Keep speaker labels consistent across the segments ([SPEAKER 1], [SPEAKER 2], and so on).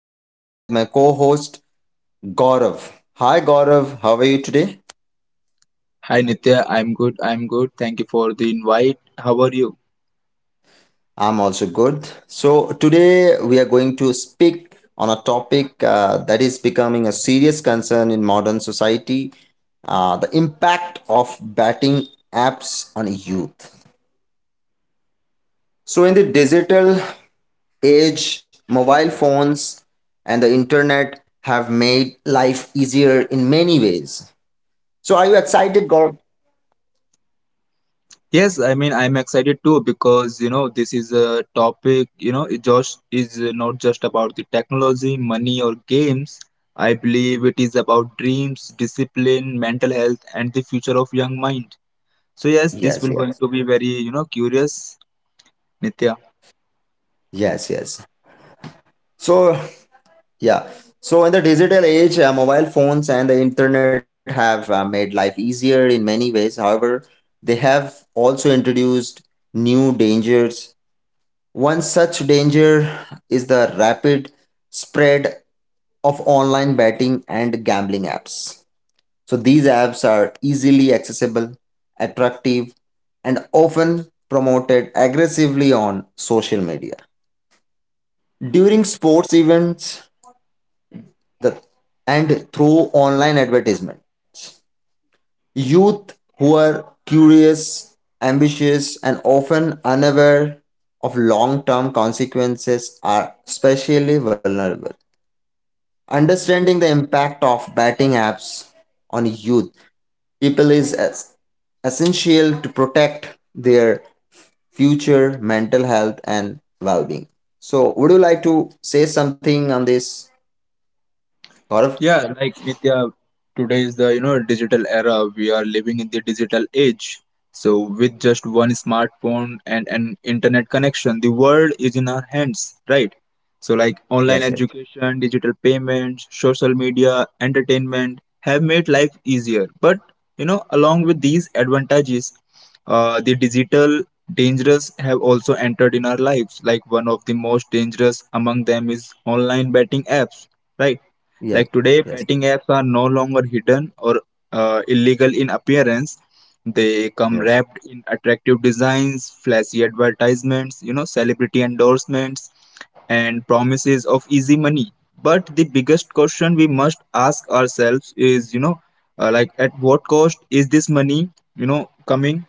[SPEAKER 1] and with my co-host Gaurav. Hi Gaurav, how are you today?
[SPEAKER 2] Hi Nitya, I'm good. I'm good. Thank you for the invite. How are you?
[SPEAKER 1] I'm also good. So today we are going to speak on a topic that is becoming a serious concern in modern society, the impact of betting apps on youth. So in the digital age, mobile phones and the internet have made life easier in many ways. So are you excited, Gaurav?
[SPEAKER 2] Yes, I'm excited too because this is a topic, it just is not just about the technology, money or games. I believe it is about dreams, discipline, mental health and the future of young mind. So yes, this will
[SPEAKER 1] Yes,
[SPEAKER 2] going to
[SPEAKER 1] yes,
[SPEAKER 2] be very, curious, Nitya.
[SPEAKER 1] yes, yes. So, yeah. So, in the digital age, mobile phones and the internet have made life easier in many ways. However, they have also introduced new dangers. One such danger is the rapid spread of online betting and gambling apps. So, these apps are easily accessible, attractive, and often promoted aggressively on social media. During sports events, the and through online advertisements. Youth who are curious, ambitious, and often unaware of long term consequences are especially vulnerable. Understanding the impact of betting apps on youth people is as essential to protect their future mental health and well being. So, would you like to say something on this, Gaurav?
[SPEAKER 2] Yeah, like Nitya, today is the digital era. We are living in the digital age. So with just one smartphone and an internet connection, the world is in our hands, right? So like online
[SPEAKER 1] Yes, yes,
[SPEAKER 2] education, digital payments, social media, entertainment have made life easier. But along with these advantages, the digital dangers have also entered in our lives. Like one of the most dangerous among them is online betting apps, right?
[SPEAKER 1] yes,
[SPEAKER 2] Like today,
[SPEAKER 1] yes,
[SPEAKER 2] betting apps are no longer hidden or illegal in appearance. They come
[SPEAKER 1] yes.
[SPEAKER 2] wrapped in attractive designs, flashy advertisements, celebrity endorsements, and promises of easy money. But the biggest question we must ask ourselves is, like at what cost is this money, coming,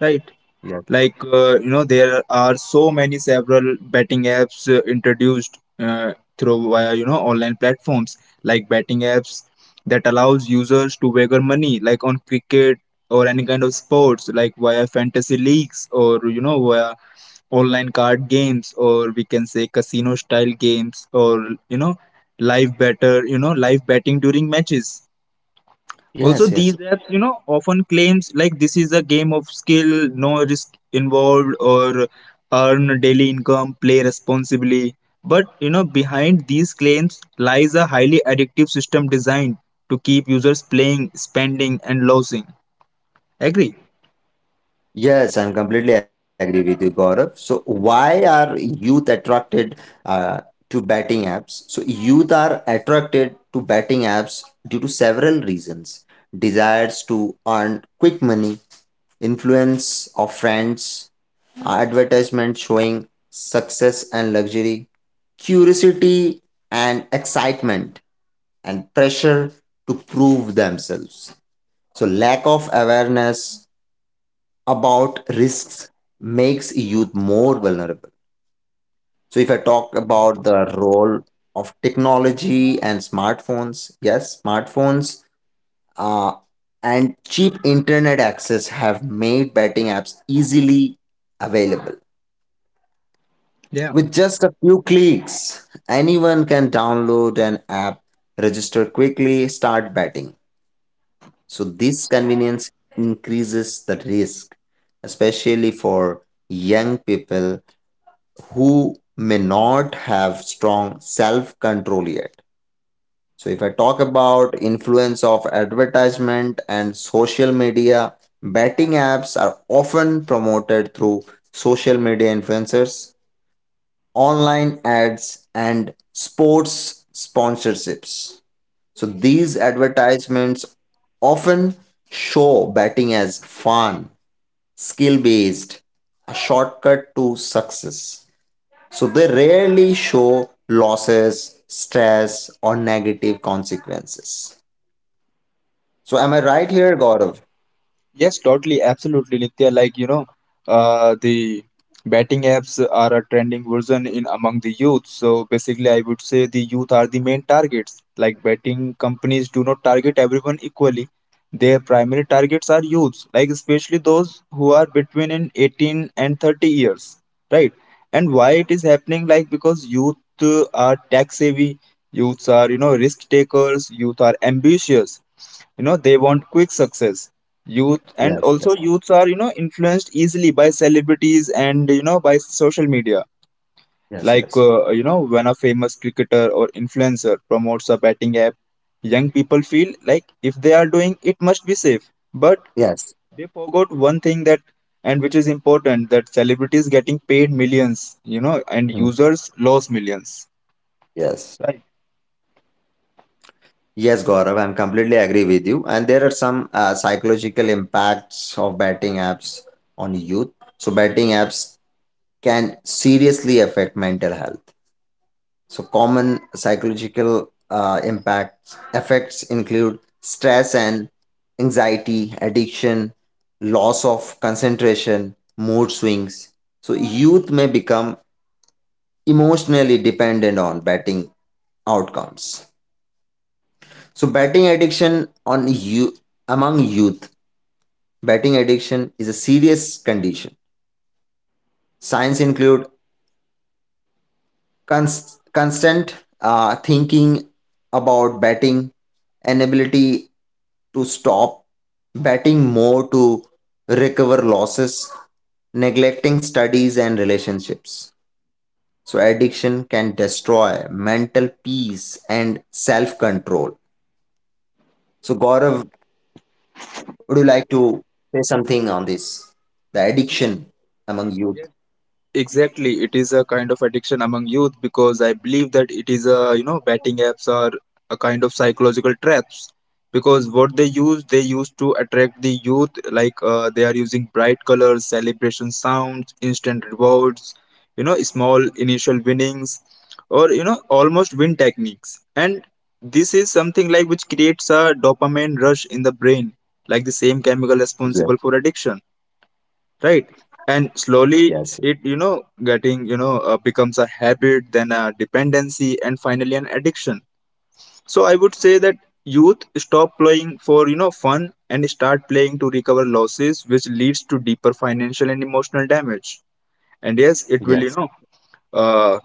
[SPEAKER 2] right?
[SPEAKER 1] Yes,
[SPEAKER 2] Like there are so many several betting apps introduced through via online platforms like betting apps that allows users to wager money like on cricket or any kind of sports like via fantasy leagues or via online card games or we can say casino style games or live better, live betting during matches. Also,
[SPEAKER 1] yes, yes.
[SPEAKER 2] these apps, often claims like this is a game of skill, no risk involved, or earn daily income, play responsibly. But, behind these claims lies a highly addictive system designed to keep users playing, spending, and losing. Agree?
[SPEAKER 1] Yes, I'm completely agree with you, Gaurav. So why are youth attracted uh, to betting apps? So youth are attracted to betting apps due to several reasons. Desires to earn quick money, influence of friends, advertisements showing success and luxury, curiosity and excitement, and pressure to prove themselves. So lack of awareness about risks makes youth more vulnerable. So, if I talk about the role of technology and smartphones, yes, smartphones uh, and cheap internet access have made betting apps easily available.
[SPEAKER 2] Yeah.
[SPEAKER 1] With just a few clicks, anyone can download an app, register quickly, start betting. So, this convenience increases the risk, especially for young people who may not have strong self control yet. So if I talk about influence of advertisement and social media, betting apps are often promoted through social media influencers, online ads and sports sponsorships. So these advertisements often show betting as fun, skill based, a shortcut to success. So they rarely show losses, stress, or negative consequences. So am I right here, Gaurav?
[SPEAKER 2] Yes, totally, absolutely, Nitya. Like, the betting apps are a trending version in among the youth. So basically, I would say the youth are the main targets. Like, betting companies do not target everyone equally. Their primary targets are youths, like especially those who are between in 18 and 30 years, right? And why it is happening? Like, because youth are tech savvy, youths are, risk takers, youth are ambitious, they want quick success. Youth and
[SPEAKER 1] Yes,
[SPEAKER 2] also
[SPEAKER 1] yes,
[SPEAKER 2] youths are, influenced easily by celebrities and by social media.
[SPEAKER 1] yes,
[SPEAKER 2] Like
[SPEAKER 1] yes,
[SPEAKER 2] when a famous cricketer or influencer promotes a betting app, young people feel like if they are doing it must be safe, but
[SPEAKER 1] yes.
[SPEAKER 2] they forgot one thing that and which is important, that celebrities getting paid millions, and
[SPEAKER 1] Hmm.
[SPEAKER 2] users lose millions.
[SPEAKER 1] Yes.
[SPEAKER 2] Right?
[SPEAKER 1] Yes, Gaurav, I'm completely agree with you. And there are some psychological impacts of betting apps on youth. So betting apps can seriously affect mental health. So common psychological impacts effects include stress and anxiety, addiction, loss of concentration, mood swings. So youth may become emotionally dependent on betting outcomes. So betting addiction on you among youth, betting addiction is a serious condition. Signs include constant thinking about batting, inability to stop batting more to recover losses, neglecting studies and relationships. So, addiction can destroy mental peace and self control. So, Gaurav, would you like to say something on this? The addiction among youth.
[SPEAKER 2] Exactly, it is a kind of addiction among youth because I believe that it is a betting apps are a kind of psychological traps because what they use to attract the youth, like they are using bright colors, celebration sounds, instant rewards, small initial winnings or almost win techniques. And this is something like which creates a dopamine rush in the brain, like the same
[SPEAKER 1] Yes,
[SPEAKER 2] chemical responsible for addiction, right? And
[SPEAKER 1] yes,
[SPEAKER 2] slowly it you know getting you know becomes a habit, then a dependency, and finally an addiction. So I would say that youth stop playing for fun and start playing to recover losses, which leads to deeper financial and emotional damage. And yes, it
[SPEAKER 1] yes,
[SPEAKER 2] will, uh,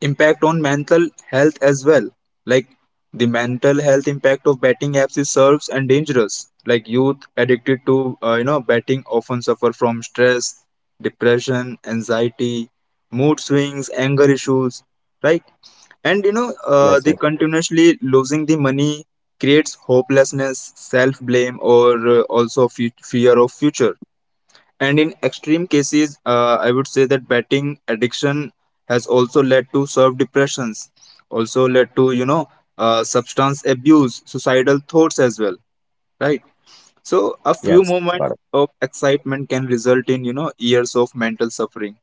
[SPEAKER 2] impact on mental health as well. Like the mental health impact of betting apps is serves and dangerous. Like youth addicted to betting often suffer from stress, depression, anxiety, mood swings, anger issues, right? And
[SPEAKER 1] yes, yes,
[SPEAKER 2] they continuously losing the money creates hopelessness, self blame, or also fear of future. And in extreme cases, I would say that betting addiction has also led to self depressions, also led to, substance abuse, suicidal thoughts as well, right? So, a few
[SPEAKER 1] yes.
[SPEAKER 2] moments
[SPEAKER 1] Gaurav.
[SPEAKER 2] of excitement can result in, years of mental suffering,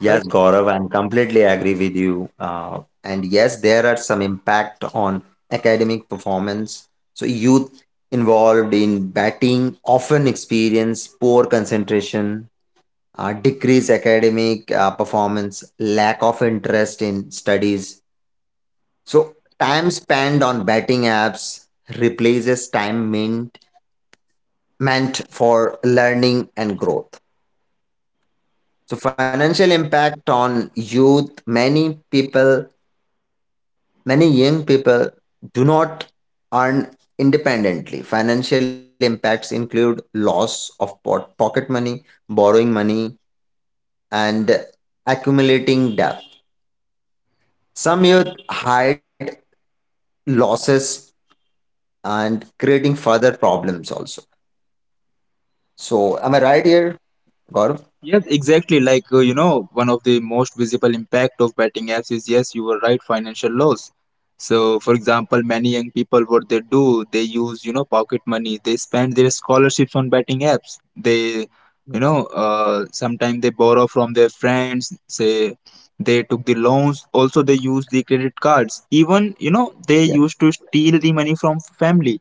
[SPEAKER 1] Yes,
[SPEAKER 2] right?
[SPEAKER 1] Gaurav, I'm completely agree with you. And yes, there are some impact on academic performance. So youth involved in batting often experience poor concentration, decreased academic performance, lack of interest in studies. So time spent on batting apps replaces time meant for learning and growth. So financial impact on youth, many people. Many young people do not earn independently. Financial impacts include loss of pocket money, borrowing money, and accumulating debt. Some youth hide losses and creating further problems also. So, am I right here, Gaurav?
[SPEAKER 2] Yes, exactly. Like, one of the most visible impact of betting apps is, yes, you were right, financial loss. So, for example, many young people, what they do, they use, pocket money. They spend their scholarships on betting apps. They,
[SPEAKER 1] Yes.
[SPEAKER 2] sometimes they borrow from their friends. Say they took the loans. Also, they use the credit cards. Even,
[SPEAKER 1] Yes.
[SPEAKER 2] they used to steal the money from family,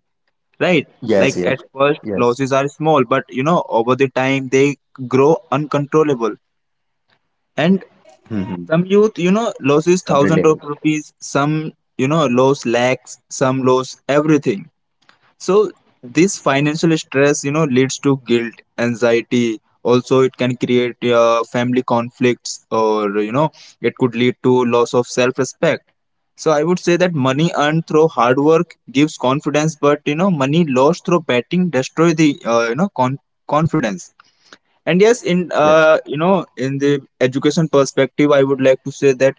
[SPEAKER 2] right? Like
[SPEAKER 1] Yes, yes,
[SPEAKER 2] at first
[SPEAKER 1] yes.
[SPEAKER 2] losses are small, but over the time they grow uncontrollable. And
[SPEAKER 1] Mm-hmm.
[SPEAKER 2] some youth loses
[SPEAKER 1] Completely agree.
[SPEAKER 2] thousands of rupees, some lose lakhs, some lose everything. So this financial stress, leads to guilt, anxiety. Also, it can create family conflicts, or it could lead to loss of self-respect. So I would say that money earned through hard work gives confidence, but money lost through betting destroy the confidence. And yes, in
[SPEAKER 1] Yes.
[SPEAKER 2] in the education perspective, I would like to say that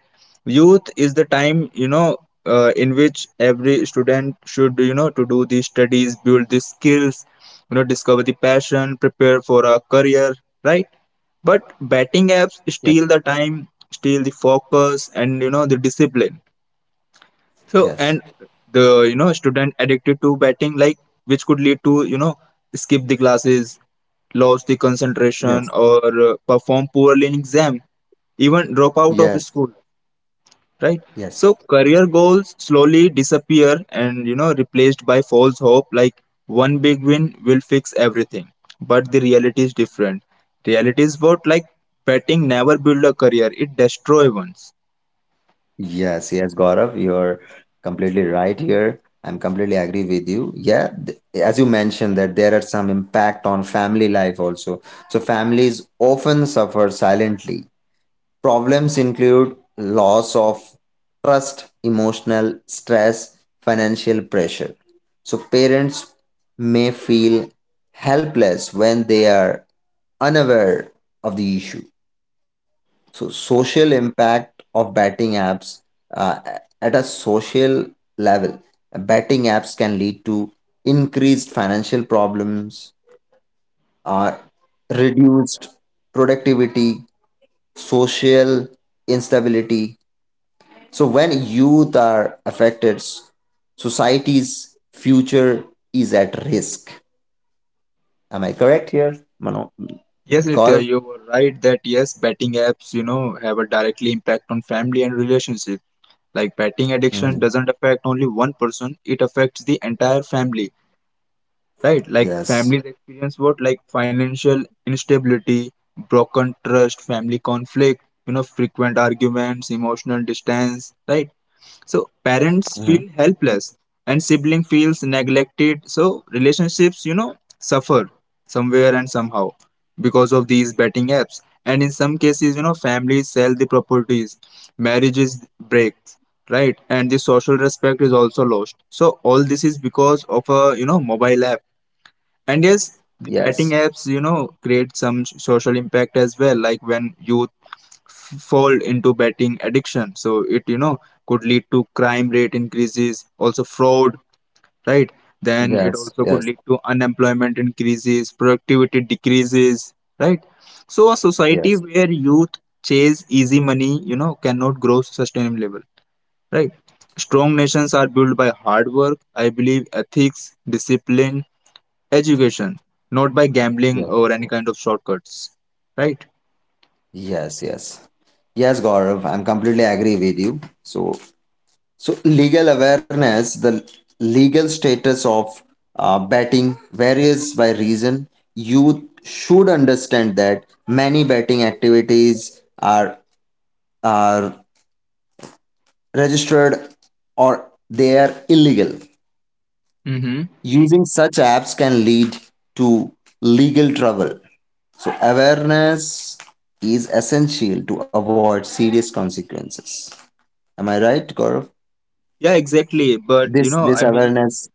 [SPEAKER 2] youth is the time, in which every student should to do the studies, build the skills, discover the passion, prepare for a career, right? But betting apps
[SPEAKER 1] Yes.
[SPEAKER 2] steal the time, steal the focus, and the discipline. So
[SPEAKER 1] Yes.
[SPEAKER 2] and the student addicted to betting, like, which could lead to skip the classes, lose the
[SPEAKER 1] Yes.
[SPEAKER 2] concentration, or perform poorly in exam, even drop out of
[SPEAKER 1] Yes,
[SPEAKER 2] school, right?
[SPEAKER 1] yes.
[SPEAKER 2] So career goals slowly disappear and replaced by false hope like one big win will fix everything. But the reality is different. Reality is what, like betting never build a career, it destroy ones.
[SPEAKER 1] Yes, yes, Gaurav, you're completely right here. I'm completely agree with you. Yeah, as you mentioned that there are some impact on family life also. So families often suffer silently. Problems include loss of trust, emotional stress, financial pressure. So parents may feel helpless when they are unaware of the issue. So, social impact of betting apps uh, at a social level, betting apps can lead to increased financial problems, uh, reduced productivity, social instability. So, when youth are affected, society's future is at risk. Am I correct here, Mano?
[SPEAKER 2] Yes, Nitya,
[SPEAKER 1] Gaurav?
[SPEAKER 2] you were right that yes, betting apps, have a directly impact on family and relationship. Like betting addiction
[SPEAKER 1] Mhm.
[SPEAKER 2] doesn't affect only one person, it affects the entire family, right? Like
[SPEAKER 1] Yes.
[SPEAKER 2] families experience what? Like financial instability, broken trust, family conflict, frequent arguments, emotional distance, right? So
[SPEAKER 1] Mhm.
[SPEAKER 2] parents feel helpless and sibling feels neglected. So relationships, suffer somewhere and somehow because of these betting apps. And in some cases, families sell the properties, marriages break, right? And the social respect is also lost. So all this is because of a mobile app. And yes, the
[SPEAKER 1] Yes.
[SPEAKER 2] betting apps, create some social impact as well, like when youth fall into betting addiction. So it, could lead to crime rate increases, also fraud, right? Then
[SPEAKER 1] Yes.
[SPEAKER 2] it also
[SPEAKER 1] Yes.
[SPEAKER 2] could lead to unemployment increases, productivity decreases, right? So a
[SPEAKER 1] Yes.
[SPEAKER 2] society where youth chase easy money, cannot grow sustainable, right? Strong nations are built by hard work, I believe, ethics, discipline, education, not by gambling
[SPEAKER 1] Yes.
[SPEAKER 2] or any kind of shortcuts, right?
[SPEAKER 1] Yes, yes. Yes, Gaurav, I'm completely agree with you. So, so legal awareness, the legal status of betting varies by region. You should understand that many betting activities are registered or they are illegal.
[SPEAKER 2] Mm-hmm.
[SPEAKER 1] Using such apps can lead to legal trouble. So awareness is essential to avoid serious consequences. Am I right, Gaurav?
[SPEAKER 2] Yeah, exactly. But
[SPEAKER 1] This this awareness,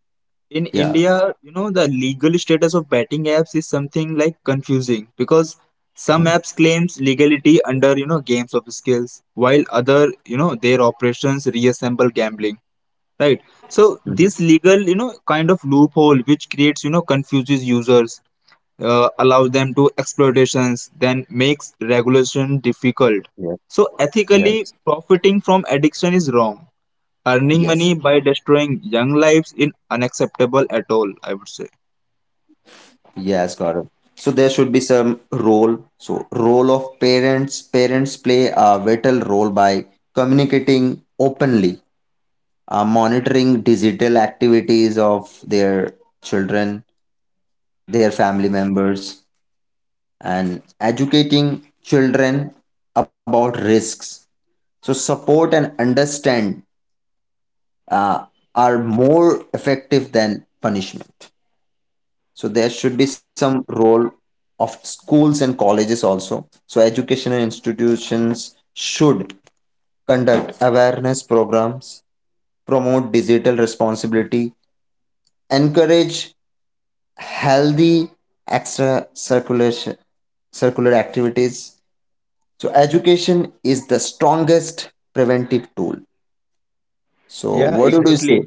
[SPEAKER 2] in
[SPEAKER 1] yeah.
[SPEAKER 2] India, the legal status of betting apps is something like confusing because some
[SPEAKER 1] Mhm,
[SPEAKER 2] apps claims legality under games of skills, while other their operations reassemble gambling. Right, so
[SPEAKER 1] mhm.
[SPEAKER 2] this legal, kind of loophole which creates confuses users, allows them to exploitations, then makes regulation difficult.
[SPEAKER 1] Yeah.
[SPEAKER 2] So ethically
[SPEAKER 1] Yes.
[SPEAKER 2] profiting from addiction is wrong, earning
[SPEAKER 1] Yes.
[SPEAKER 2] money by destroying young lives is unacceptable at all, I would say.
[SPEAKER 1] Yes, Gaurav. So there should be some role. So role of parents. Parents play a vital role by communicating openly, monitoring digital activities of their children, their family members, and educating children about risks. So support and understand uh, are more effective than punishment. So there should be some role of schools and colleges also. So educational institutions should conduct awareness programs, promote digital responsibility, encourage healthy extra circulation circular activities. So education is the strongest preventive tool. So
[SPEAKER 2] Yeah,
[SPEAKER 1] what do you say?
[SPEAKER 2] exactly.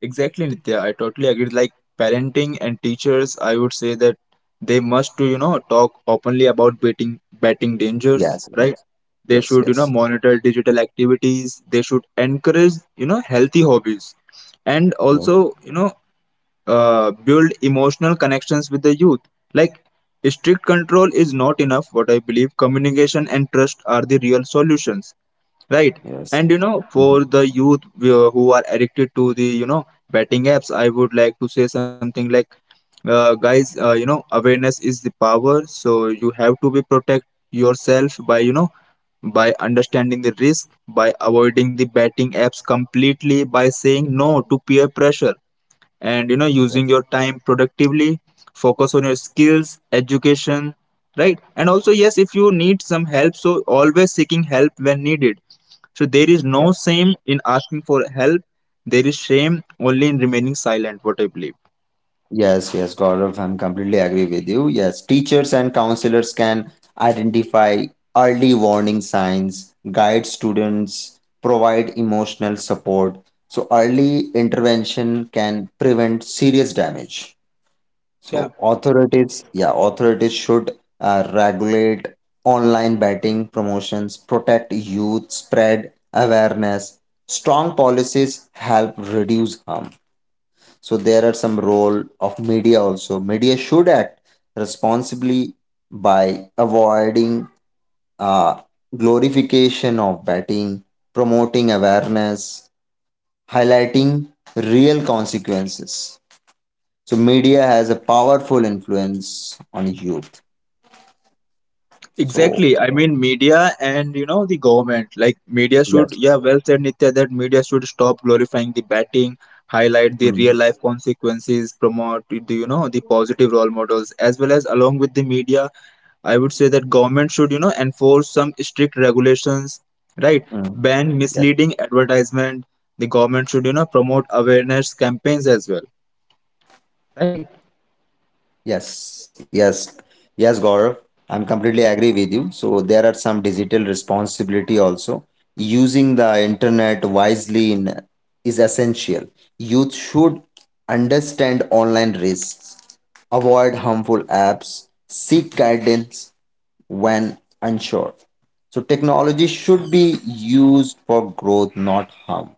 [SPEAKER 2] Exactly, Nitya. I totally agree. Like parenting and teachers, I would say that they must to, talk openly about betting dangers,
[SPEAKER 1] Yes,
[SPEAKER 2] right?
[SPEAKER 1] yes,
[SPEAKER 2] They
[SPEAKER 1] yes,
[SPEAKER 2] should,
[SPEAKER 1] yes,
[SPEAKER 2] monitor digital activities. They should encourage, healthy hobbies, and
[SPEAKER 1] yes.
[SPEAKER 2] also, build emotional connections with the youth. Like strict control is not enough, what I believe. Communication and trust are the real solutions, right?
[SPEAKER 1] Yes.
[SPEAKER 2] And
[SPEAKER 1] Mhm.
[SPEAKER 2] for the youth who are addicted to the betting apps, I would like to say something like, guys, awareness is the power, so you have to be protect yourself by by understanding the risk, by avoiding the betting apps completely, by saying no to peer pressure, and using
[SPEAKER 1] Yes,
[SPEAKER 2] your time productively, focus on your skills education, right? And also yes, if you need some help, so always seeking help when needed. So there is no
[SPEAKER 1] yes,
[SPEAKER 2] shame in asking for help, there is shame only in remaining silent, what I believe.
[SPEAKER 1] yes, yes, Gaurav, I'm completely agree with you. Yes, teachers and counselors can identify early warning signs, guide students, provide emotional support. So, early intervention can prevent serious damage.
[SPEAKER 2] Yeah,
[SPEAKER 1] So, authorities, yeah, authorities should regulate online betting promotions, protect youth, spread awareness. Strong policies help reduce harm. So there are some role of media also. Media should act responsibly by avoiding uh, glorification of betting, promoting awareness, highlighting real consequences. So media has a powerful influence on youth. So
[SPEAKER 2] exactly. Media and the government, like media should,
[SPEAKER 1] yes.
[SPEAKER 2] yeah well said Nitya, that media should stop glorifying the batting, highlight the real
[SPEAKER 1] Mm,
[SPEAKER 2] life consequences, promote the the positive role models, as well as along with the media, I would say that government should, enforce some strict regulations, right?
[SPEAKER 1] mm,
[SPEAKER 2] Ban
[SPEAKER 1] yes.
[SPEAKER 2] misleading advertisement. The government should, promote awareness campaigns as well, right?
[SPEAKER 1] Yes, yes, yes, Gaurav. I'm completely agree with you. So there are some digital responsibility also. Using the internet wisely in, is essential. Youth should understand online risks, avoid harmful apps, seek guidance when unsure. So technology should be used for growth, not harm.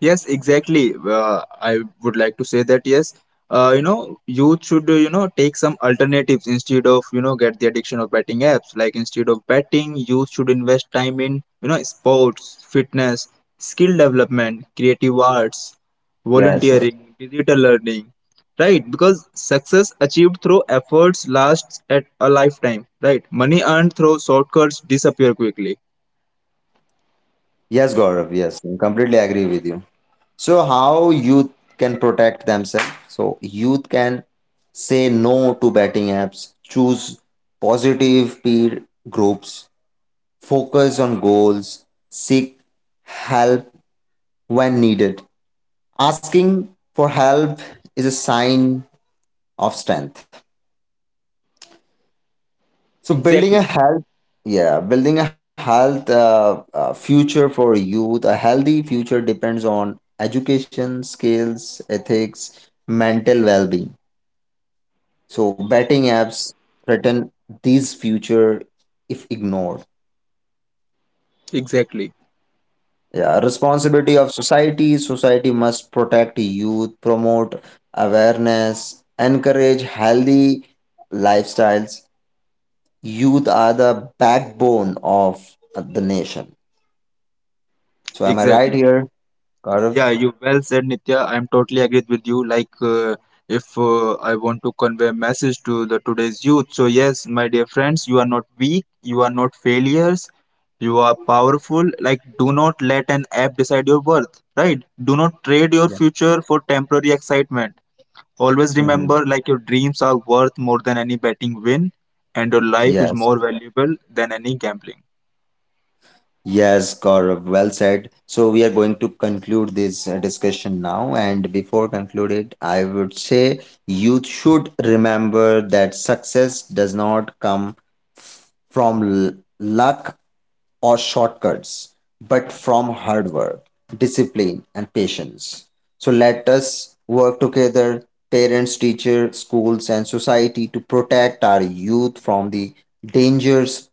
[SPEAKER 2] Yes, exactly. I would like to say that yes, youth should take some alternatives instead of get the addiction of betting apps. Like instead of betting, youth should invest time in sports, fitness, skill development, creative arts,
[SPEAKER 1] Yes, yes.
[SPEAKER 2] volunteering, digital learning, right? Because success achieved through efforts lasts at a lifetime, right? Money earned through shortcuts disappear quickly.
[SPEAKER 1] Yes, Gaurav. Yes, I completely agree with you. So, how youth can protect themselves? So, youth can say no to betting apps, choose positive peer groups, focus on goals, seek help when needed. Asking for help is a sign of strength. So building
[SPEAKER 2] Exactly.
[SPEAKER 1] a health, yeah, building a health future for youth, a healthy future depends on education, skills, ethics, mental well-being. So betting apps threaten these future if ignored.
[SPEAKER 2] Exactly.
[SPEAKER 1] Yeah, responsibility of society. Society must protect youth, promote awareness, encourage healthy lifestyles. Youth are the backbone of the nation. So am I right
[SPEAKER 2] Exactly.
[SPEAKER 1] here? Gaurav?
[SPEAKER 2] Yeah, you well said, Nitya. I'm totally agreed with you. Like, if I want to convey a message to the today's youth, so yes, my dear friends, you are not weak, you are not failures, you are powerful. Like, do not let an app decide your worth, right? Do not trade your
[SPEAKER 1] Yeah.
[SPEAKER 2] future for temporary excitement. Always
[SPEAKER 1] Mm-hmm.
[SPEAKER 2] remember, like, your dreams are worth more than any betting win, and your life is
[SPEAKER 1] Yes.
[SPEAKER 2] more valuable than any gambling.
[SPEAKER 1] Yes, Gaurav. Well said. So we are going to conclude this discussion now. And before conclude it, I would say youth should remember that success does not come from luck or shortcuts, but from hard work, discipline, and patience. So let us work together, parents, teachers, schools, and society to protect our youth from the dangers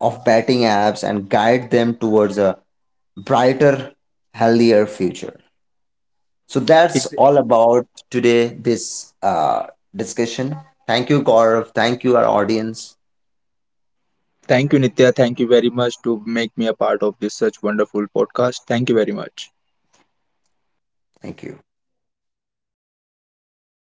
[SPEAKER 1] of betting apps and guide them towards a brighter, healthier future. So that's all about today this discussion. Thank you, Gaurav. Thank you, our audience.
[SPEAKER 2] Thank you, Nitya. Thank you very much to make me a part of this such wonderful podcast. Thank you very much.
[SPEAKER 1] Thank you.